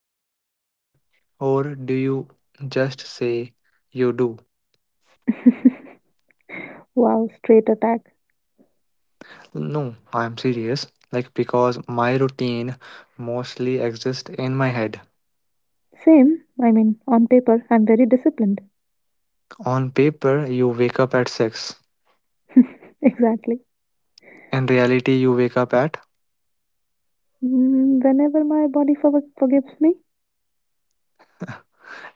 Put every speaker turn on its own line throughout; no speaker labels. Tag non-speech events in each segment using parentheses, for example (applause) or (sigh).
have a routine or do you just say you do?
(laughs) Wow, straight attack.
No, I'm serious. Like, because my routine mostly exists in my head.
Same. I mean, on paper, I'm very disciplined. (laughs)
On paper, you wake up at 6.
Exactly.
In reality, you wake up at,
Whenever my body forgives me.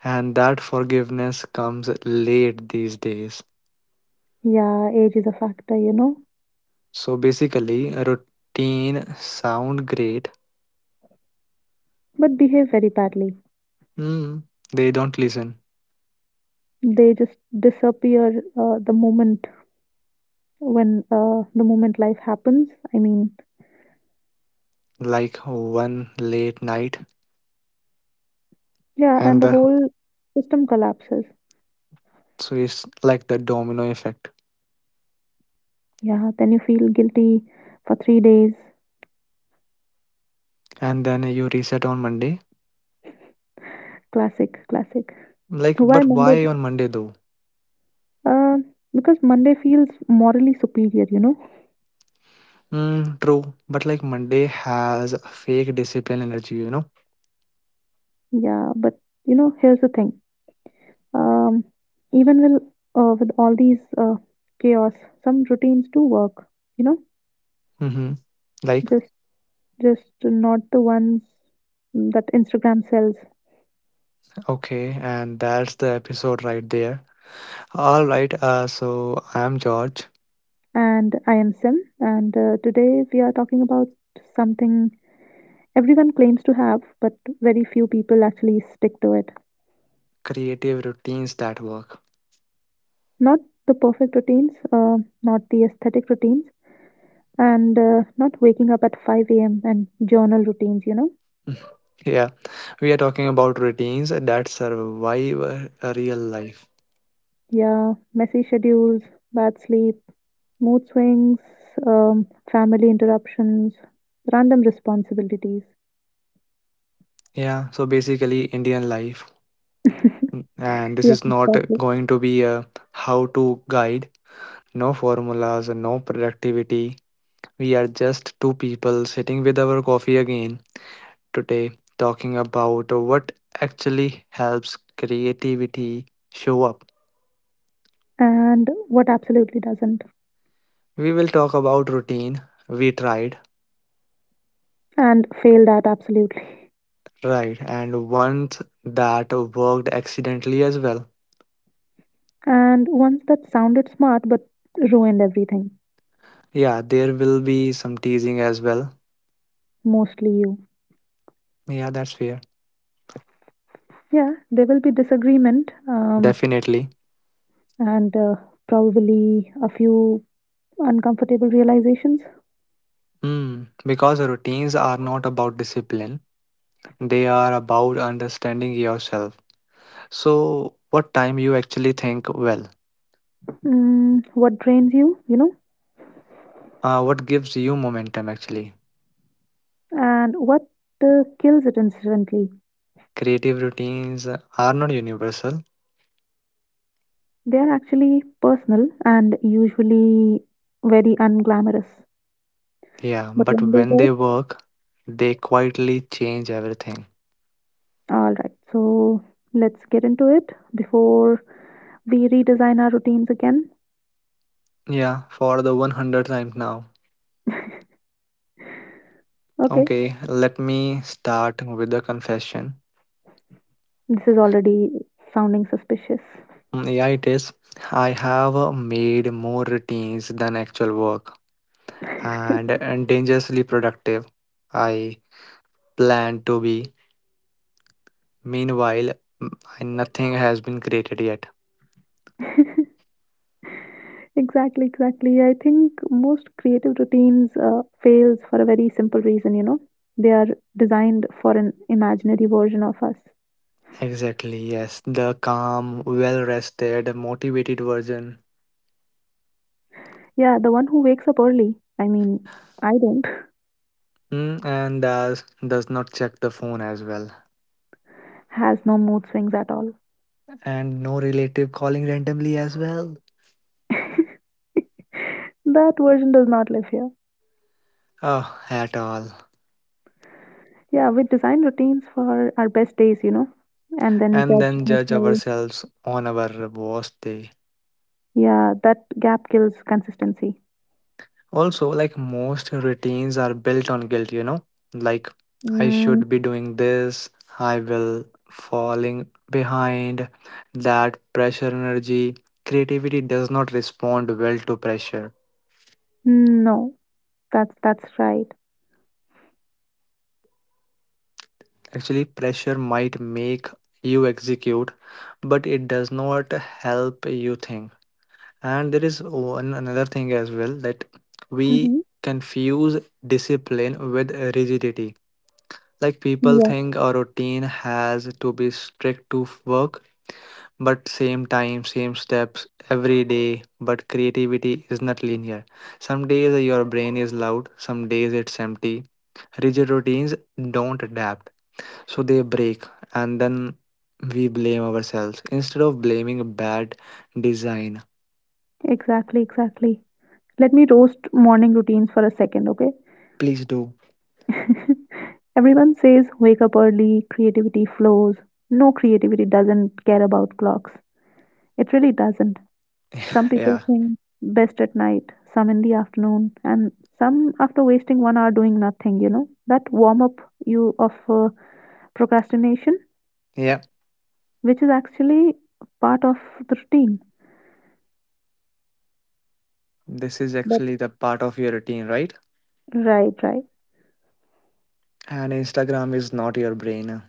and that forgiveness comes late these days.
Yeah, age is a factor,
So basically, a routine sound great.
but behave very badly.
Mm, they don't listen.
They just disappear uh, the moment the moment life happens. I mean,
Like one late night
yeah, and
and
the
the
whole system collapses.
So it's like the domino effect.
Yeah, then you feel guilty for 3 days.
And then you reset on Monday.
Classic, classic.
Like,
Why
but
Monday?
why on Monday though?
Uh, because Monday feels morally superior, you know?
Mm, true. But like Monday has fake discipline energy, you know?
Yeah, but here's the thing. Um, Even with with all these chaos, some routines do work. You know,
Mm-hmm. Like,
just just not the ones that Instagram sells.
okay, and that's the episode right there. All right, so I'm George.
And I am Sim, and today we are talking about something everyone claims to have, but very few people actually stick to it.
Creative routines that work.
Not the perfect routines, not the aesthetic routines, and not waking up at 5 a.m. and journal routines.
(laughs) Yeah, we are talking about routines that survive real life.
Yeah, messy schedules, bad sleep, mood swings, family interruptions, random responsibilities.
Yeah, so basically Indian life.
(laughs)
And this
Yeah,
is not
exactly.
going to be a how to guide. No formulas, no productivity. We are just two people sitting with our coffee again today, talking about what actually helps creativity show up.
And what absolutely doesn't,
We will talk about routine we tried,
and failed at absolutely.
right, and ones that worked accidentally as well.
And ones that sounded smart but ruined everything,
Yeah, there will be some teasing as well.
mostly you.
Yeah, that's fair.
Yeah, there will be disagreement,
Definitely.
and probably a few uncomfortable realizations.
Hmm. Because routines are not about discipline, they are about understanding yourself. So, what time you actually think well?
What drains you, you know?
What gives you momentum actually?
And what kills it instantly?
Creative routines are not universal,
They are actually personal and usually very unglamorous.
yeah,
But
but
when they
when they
work,
work, they quietly change everything.
all right. So let's get into it before we redesign our routines again.
Yeah, for the 100th time now.
Okay,
Okay, let me start with the confession.
this is already sounding suspicious.
Mm, yeah, it is. I have made more routines than actual work. And dangerously productive I plan to be. Meanwhile, nothing has been created yet.
(laughs) Exactly, exactly. I think most creative routines fails for a very simple reason. You know, they are designed for an imaginary version of us.
Exactly, yes. The calm, well rested, motivated version.
Yeah, the one who wakes up early, I mean, I don't,
Mm, and does not check the phone as well.
(laughs) has no mood swings at all.
And no relative calling randomly as well.
(laughs) That version does not live here.
Oh, at all.
Yeah, we design routines for our best days, and then
And
judge
then judge
ourselves.
ourselves on our worst day.
Yeah, that gap kills consistency.
Also, like most routines are built on guilt, you know? Like, I
Mm,
should be doing this, I will falling behind. That pressure energy. Creativity does not respond well to pressure.
no, that's right.
Actually, pressure might make you execute, but it does not help you think. And there is one another thing as well that we
Mm-hmm.
confuse discipline with rigidity. Like people
Yeah,
think a routine has to be strict to work, but same time, same steps every day. But creativity is not linear. Some days your brain is loud, some days it's empty. Rigid routines don't adapt, so they break, and then we blame ourselves instead of blaming bad design.
exactly, exactly. Let me roast morning routines for a second, okay?
Please do.
(laughs) Everyone says wake up early, creativity flows. No, creativity doesn't care about clocks. It really doesn't. Some
Yeah.
people think best at night, some in the afternoon, and some after wasting one hour doing nothing, you know. That warm up you of procrastination,
Yeah.
which is actually part of the routine.
This is
But
actually the part of your routine, right?
right, right.
And Instagram is not your brain.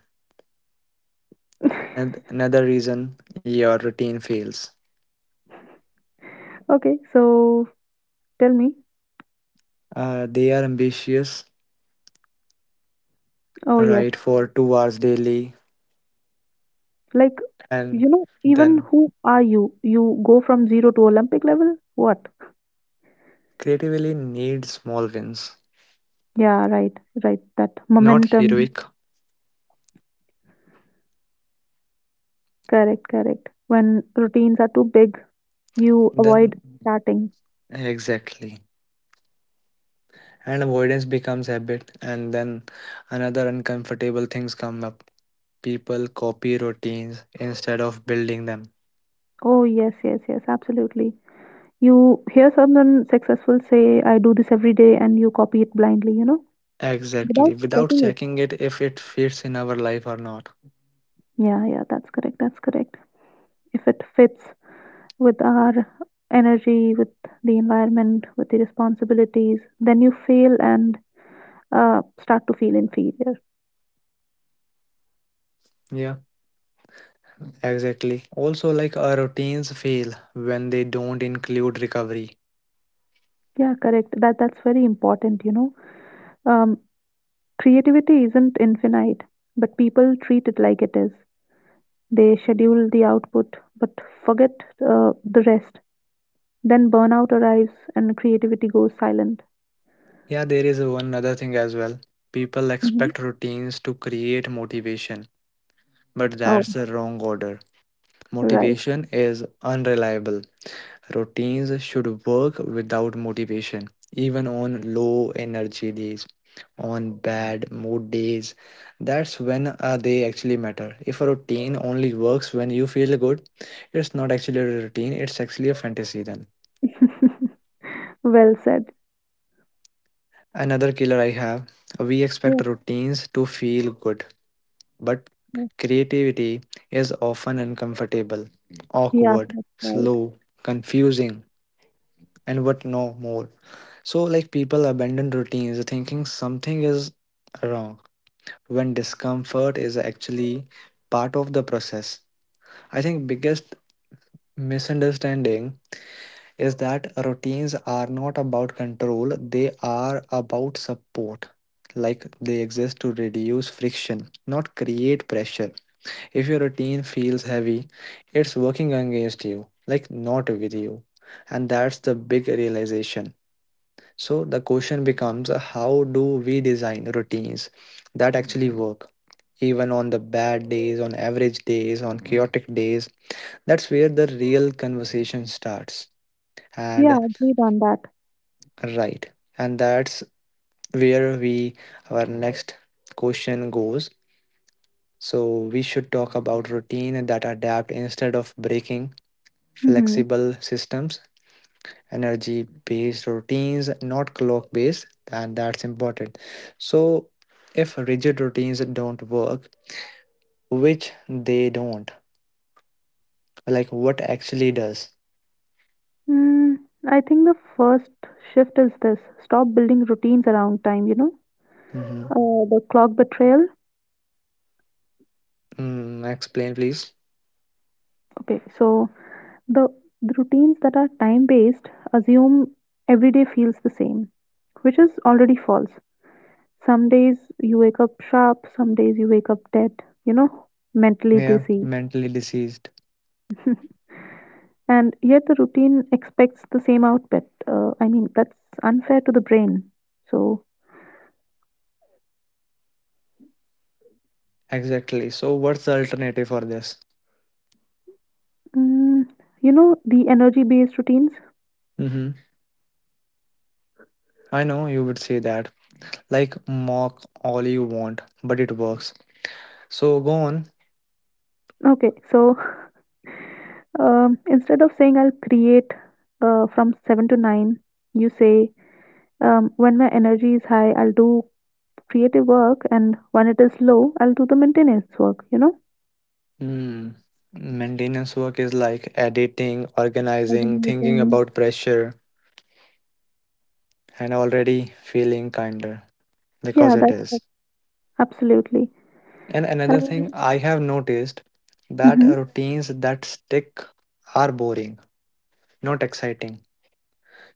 (laughs)
And another reason your routine fails.
Okay, so tell me.
They are ambitious,
Oh yes.
right, for 2 hours daily,
Like
and
even
then
who are you? You go from zero to Olympic level? What?
creatively need small wins,
Yeah, right, right. That
not
momentum.
heroic.
Correct, correct. When routines are too big, you avoid
Then,
starting.
exactly. And avoidance becomes habit, and then another uncomfortable things come up. People copy routines instead of building them.
Oh, yes, yes, yes, absolutely. You hear someone successful say, I do this every day, and you copy it blindly, you know? Without
Exactly, without
checking it.
checking it if it fits in our life or not.
Yeah, yeah, that's correct. That's correct. If it fits with our energy, with the environment, with the responsibilities, then you fail and start to feel inferior.
Yeah. Exactly. Also, like our routines fail when they don't include recovery.
Yeah, correct. That's very important. Um, Creativity isn't infinite, but people treat it like it is. They schedule the output, but forget the rest. Then burnout arrives and creativity goes silent.
Yeah, there is one other thing as well. People
Hmm.
expect routines to create motivation, but
Oh,
that's the wrong order.
right.
Motivation is unreliable. Routines should work without motivation, even on low energy days, on bad mood days. That's when they actually matter. If a routine only works when you feel good, it's not actually a routine, it's actually a fantasy then.
(laughs) Well said.
Another killer I have, we expect
Yes,
routines to feel good, but
yes,
creativity is often uncomfortable,
yeah,
awkward,
that's right.
slow, confusing, and what no more. So, like, people abandon routines thinking something is wrong when discomfort is actually part of the process. I think biggest misunderstanding is that routines are not about control, they are about support. Like they exist to reduce friction, not create pressure. If your routine feels heavy, it's working against you, like not with you. And that's the big realization. So the question becomes how do we design routines that actually work? Even on the bad days, on average days, on chaotic days, that's where the real conversation starts.
Yeah,
And
agreed on that.
right. And that's where we our next question goes. So we should talk about routine that adapt instead of breaking,
Hmm.
flexible systems, energy based routines, not clock based, and that's important. So if rigid routines don't work, which they don't, like what actually does?
Mm, I think the first shift is this: stop building routines around time,
Hmm.
the clock betrayal.
Mm, explain please.
Okay, so the, the routines that are time based assume every day feels the same, which is already false. Some days you wake up sharp, some days you wake up dead, you know, mentally
Yeah,
dizzy.
mentally diseased.
(laughs) And yet the routine expects the same output. I mean, that's unfair to the brain. So,
Exactly. So what's the alternative for this?
mm, the energy based routines?
Mm-hmm. I know you would say that. Like, mock all you want, but it works. So go on.
Okay, so (laughs) instead of saying I'll create from 7 to 9, you say when my energy is high, I'll do creative work, and when it is low, I'll do the maintenance work, you know?
Hmm. Maintenance work is like editing, organizing, thinking
Organizing.
about pressure, and already feeling kinder because
Yeah,
it is.
that's. Absolutely.
And another thing
And
I have noticed that
mhm,
routines that stick are boring, not exciting,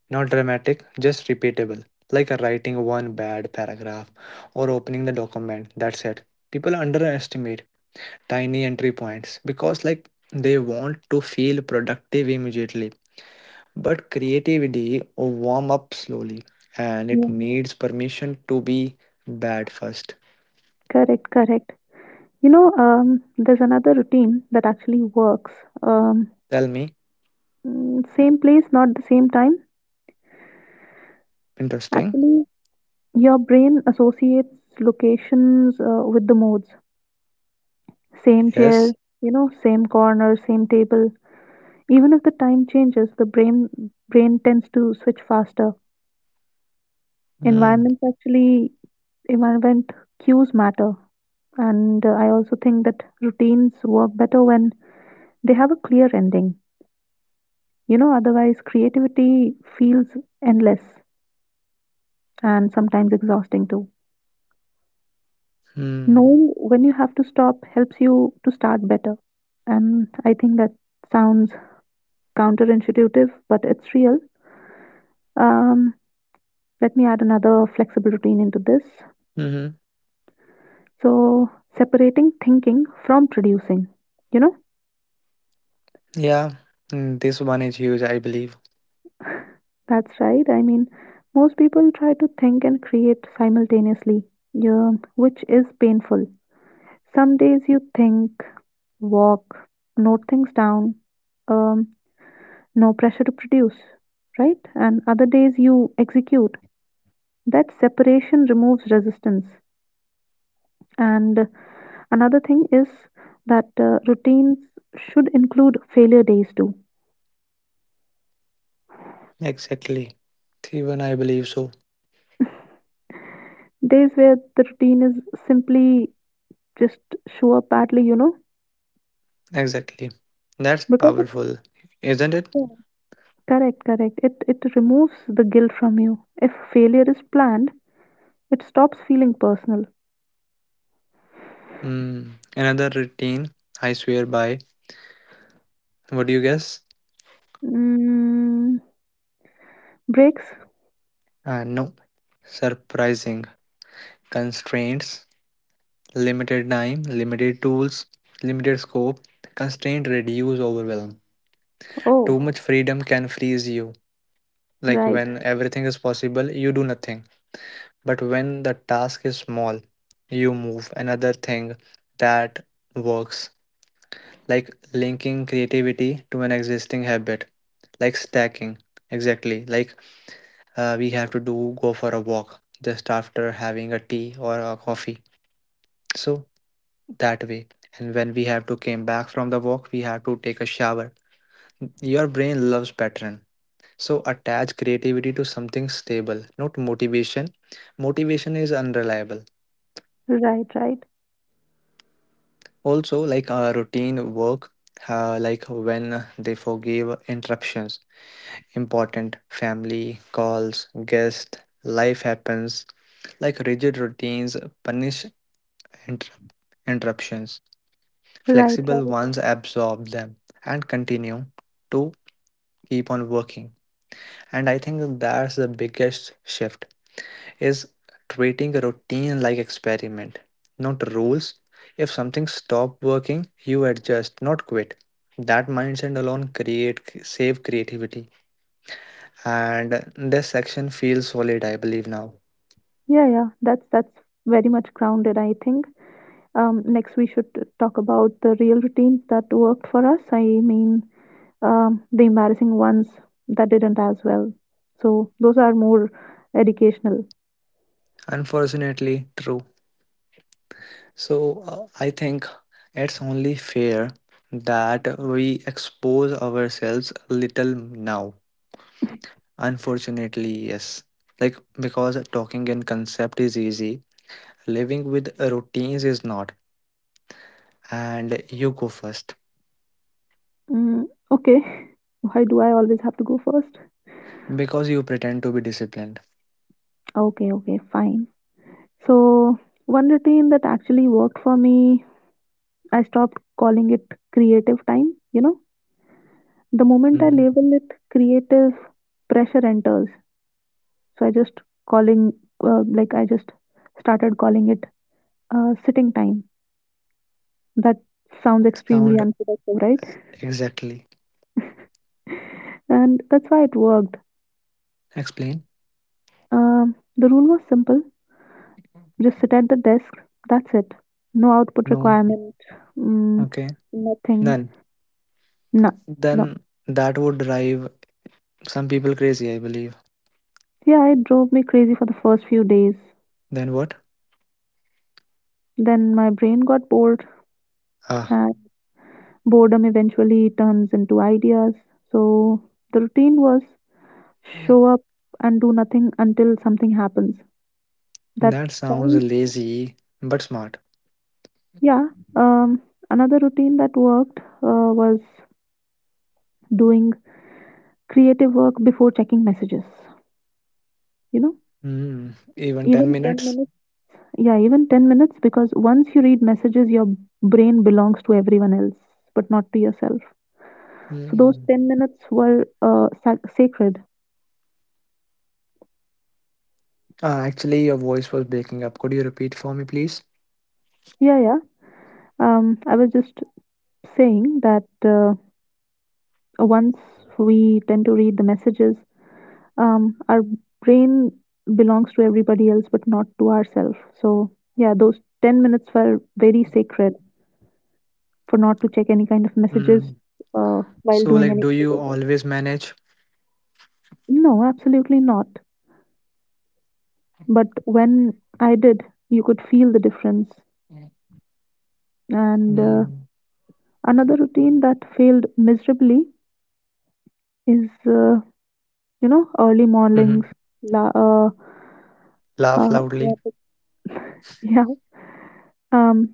not dramatic, just repeatable. Like writing one bad paragraph or opening the document. That's it. People underestimate tiny entry points because like they want to feel productive immediately, but creativity warm up slowly and it
yeah,
needs permission to be bad first.
correct, correct. You know, there's another routine that actually works. Um,
Tell me.
Same place, not the same time.
Interesting.
Actually, your brain associates locations with the modes. Same chair,
Yes.
same corner, same table. Even if the time changes, the brain tends to switch faster.
Mm.
Environments actually, Environment cues matter. And I also think that routines work better when they have a clear ending, otherwise creativity feels endless and sometimes exhausting too.
Hmm. Hmm.
Knowing when you have to stop helps you to start better. And I think that sounds counterintuitive, but it's real. Um, Let me add another flexible routine into this.
Mm-hmm.
So, separating thinking from producing. You know,
Yeah. Mm, this one is huge I believe.
that's right. I mean, most people try to think and create simultaneously, yeah, which is painful. Some days you think, walk, note things down, um, no pressure to produce, right? And other days you execute. That separation removes resistance. And another thing is that routines should include failure days too.
Exactly, even I believe so.
Days where the routine is simply just show up badly,
Exactly, that's
because it's
powerful, isn't it?
there. Correct, correct. It removes the guilt from you. If failure is planned, it stops feeling personal.
Mm. Another routine I swear by, what do you guess?
Mm, Breaks.
No, surprising constraints, limited time, limited tools, limited scope. Constraint reduce overwhelm.
Oh,
Too much freedom can freeze you. Like
right,
when everything is possible, you do nothing. But when the task is small, you move another thing that works. Like linking creativity to an existing habit, like stacking. Exactly. Like we have to do go for a walk just after having a tea or a coffee. So that way, and when we have to came back from the walk, we have to take a shower. Your brain loves pattern. So attach creativity to something stable, not motivation. Motivation is unreliable.
right, right,
Also, like a routine work, like when they forgive interruptions, important family calls, guest, life happens. Like rigid routines punish inter- interruptions.
right,
Flexible
right.
ones absorb them and continue to keep on working, and I think that's the biggest shift is treating a routine like experiment, not rules. If something stop working, you adjust not quit. That mindset alone create save creativity. And this section feels solid I believe now.
Yeah, yeah. That's very much grounded, I think. Next we should talk about the real routines that worked for us. I mean, the embarrassing ones that didn't as well. So those are more educational.
Unfortunately true. So, uh, I think it's only fair that we expose ourselves a little now. Unfortunately, yes. Like, because talking in concept is easy, living with routines is not. And you go first
Mm, okay. (laughs) Why do I always have to go first?
because you pretend to be disciplined.
Okay, okay, fine. So one routine that actually worked for me, I stopped calling it creative time. The moment I
Hmm.
label it, creative pressure enters. So calling, like I just started calling it sitting time. That sounds extremely
Sound
unproductive, right?
exactly.
And that's why it worked.
Explain?
The rule was simple: just sit at the desk. That's it. No output
No.
requirement. Mm,
Okay.
Nothing.
Then,
No, no.
then that would drive some people crazy, I believe.
Yeah, it drove me crazy for the first few days.
Then what?
Then my brain got bored.
Ah,
Boredom eventually turns into ideas. So the routine was
mm.
show up and do nothing until something happens. That
That sounds
sounds,
lazy but smart.
yeah. Um, Another routine that worked was doing creative work before checking messages. You know,
Hmm. Even 10
even 10
minutes?
minutes, yeah, even 10 minutes because once you read messages, your brain belongs to everyone else, but not to yourself. So those
Hmm.
10 minutes were sacred.
Ah, actually, your voice was breaking up. Could you repeat for me, please?
Yeah, yeah. I was just saying that once we tend to read the messages, our brain belongs to everybody else but not to ourselves. So, yeah, those 10 minutes were very sacred for not to check any kind of
Hmm.
messages while
So,
doing
like,
any.
do you always manage?
No, absolutely not. But when I did, you could feel the difference. And
Mm.
another routine that failed miserably is, early mornings.
Mm-hmm.
La- uh, uh,
Laugh
I
loudly.
wanted- (laughs) yeah, Um,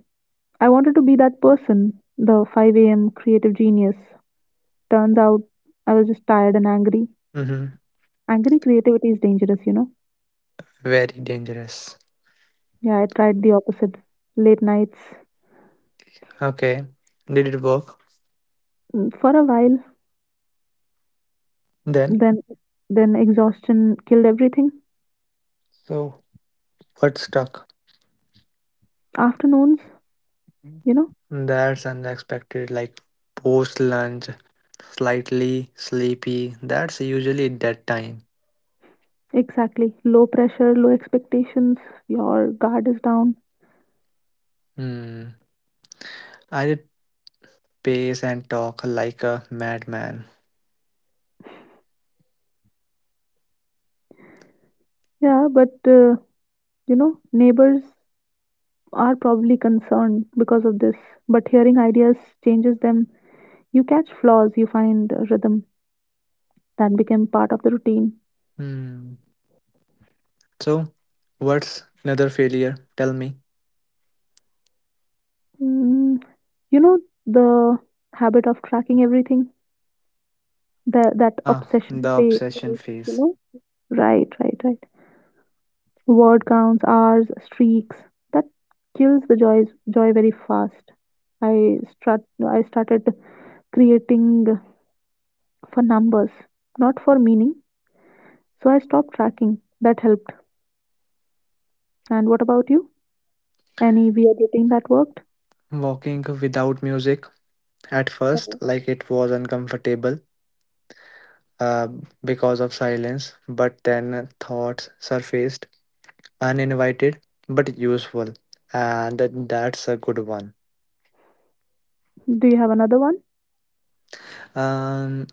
I wanted to be that person, the 5 a.m. creative genius. Turns out I was just tired and angry.
Mm-hmm.
Angry creativity is dangerous.
Very dangerous.
Yeah, I tried the opposite. Late nights
Okay. Did it work
for a while,
then?
then then exhaustion killed everything.
So, what stuck?
Afternoons, you know,
That's unexpected. Like, post lunch, slightly sleepy. That's usually that time.
exactly. Low pressure, low expectations, your guard is down.
Hmm. I did pace and talk like a madman.
Yeah, but neighbors are probably concerned because of this, but hearing ideas changes them. You catch flaws, you find a rhythm that became part of the routine.
Hmm. So, what's another failure? Tell me.
Mm, you know the habit of tracking everything? That
Ah,
obsession
the
phase,
obsession
you
phase.
know? Right, right, right. Word counts, hours, streaks. That kills the joy very fast. I start I started creating for numbers, not for meaning. So I stopped tracking. That helped. And what about you? Any weird routine that worked?
Walking without music at first,
Mhm.
like it was uncomfortable uh, because of silence, but then thoughts surfaced, uninvited but useful, and that's a good one.
Do you have another one?
Um,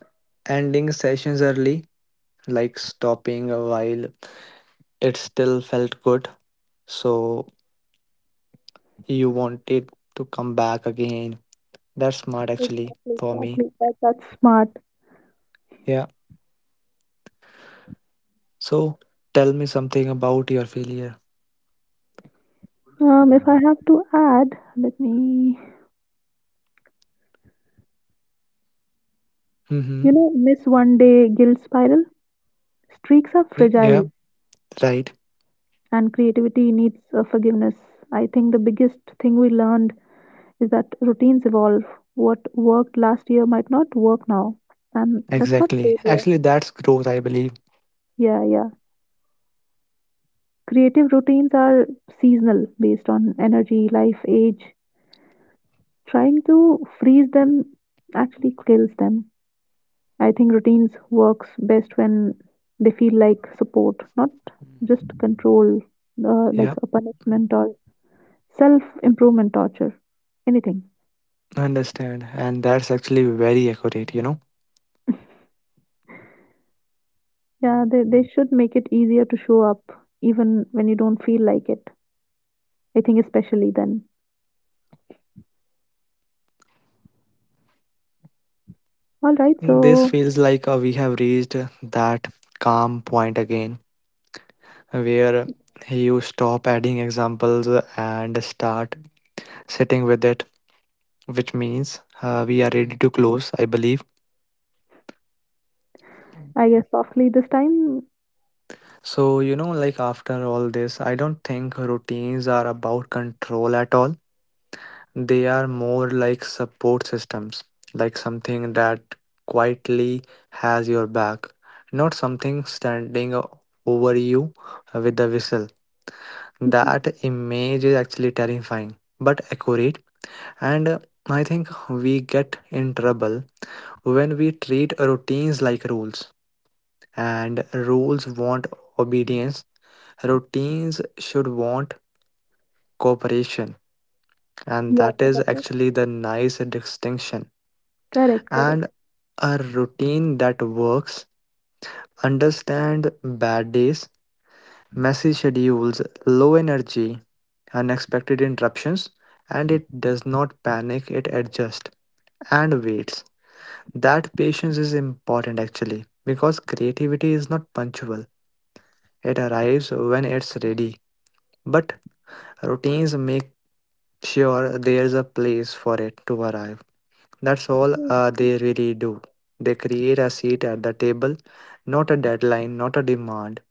ending sessions early, like stopping while it still felt good, so you wanted to come back again. That's smart actually
Exactly,
for me.
exactly. That's smart.
Yeah. So tell me something about your failure.
If I have to add, let me,
Mm-hmm.
miss one day guilt spiral. Streaks are
Yeah.
fragile
Right,
and creativity needs forgiveness. I think the biggest thing we learned is that routines evolve. What worked last year might not work now, and that's not
exactly.
failure.
Actually, that's growth, I believe.
Yeah, yeah. Creative routines are seasonal based on energy, life, age. Trying to freeze them actually kills them. I think routines works best when they feel like support, not
Mhm.
just control, like
Yeah,
a punishment or self-improvement torture, anything.
understand. And that's actually very accurate, you know.
Yeah, they should make it easier to show up even when you don't feel like it. I think especially then. All right,
This
so
feels like we have reached that calm point again, where you stop adding examples and start sitting with it, which means we are ready to close, I believe.
I guess softly this time.
So, you know, like after all this, I don't think routines are about control at all. They are more like support systems, like something that quietly has your back, not something standing over you with a whistle. That image is actually terrifying but accurate, and I think we get in trouble when we treat routines like rules, and rules want obedience, routines should want cooperation, and
Yeah,
that is
that's it.
actually the nice distinction.
Correct, correct.
And a routine that works. Understand bad days, messy schedules, low energy, unexpected interruptions, and it does not panic, it adjusts and waits. That patience is important actually because creativity is not punctual, it arrives when it's ready. But routines make sure there's a place for it to arrive. That's all they really do. They create a seat at the table, not a deadline, not a demand.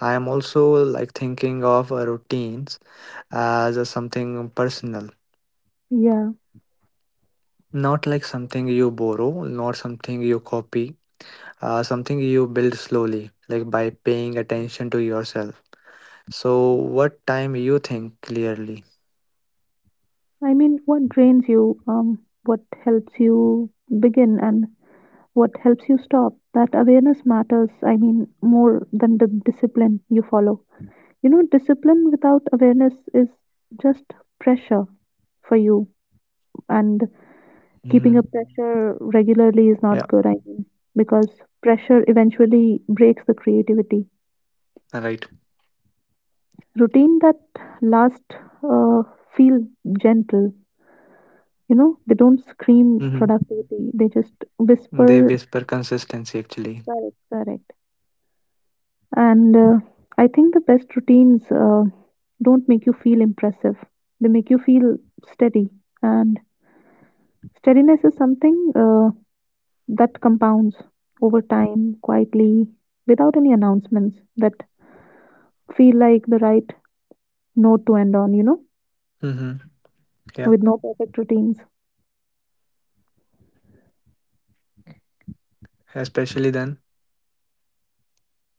I am also like thinking of routines as a something personal,
Yeah.
not like something you borrow, not something you copy, something you build slowly, like by paying attention to yourself. So, what time you think clearly?
I mean, what drains you? What helps you begin and what helps you stop? That awareness matters, I mean, more than the discipline you follow. You know, discipline without awareness is just pressure for you, and keeping
Hmm.
a pressure regularly is
Yeah,
not good, I mean, because pressure eventually breaks the creativity.
right.
Routine that last uh, feel gentle, they don't scream
Hmm.
productivity, they just
They
whisper.
whisper consistency actually.
Correct, correct. And I think the best routines don't make you feel impressive, they make you feel steady. And steadiness is something that compounds over time, quietly, without any announcements that feel like the right note to end on,
Hmm. Yeah,
with no perfect routines.
especially then.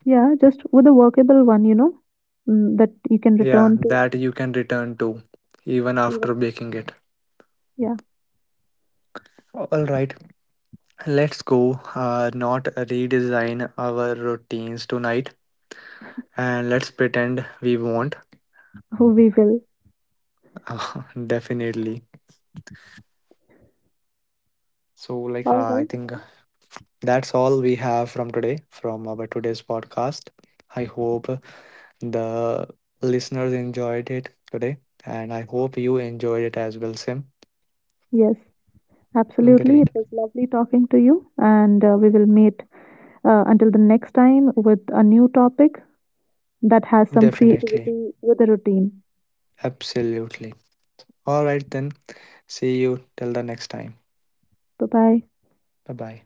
Yeah, just with a workable one, that you can
Yeah,
return to
that you can return to even after
even.
baking it.
Yeah,
All right, let's go. Not redesign our routines tonight, and let's pretend we won't.
(laughs) we will.
(laughs) Definitely. So, like,
All
I
right.
think that's all we have from today, from our today's podcast. I hope the listeners enjoyed it today, and I hope you enjoyed it as well, Sim.
Yes, absolutely.
Great.
It was lovely talking to you, and we will meet. Until the next time with a new topic that has some
Definitely.
creativity with a routine.
Absolutely. All right, then. See you till the next time.
Bye bye.
Bye-bye.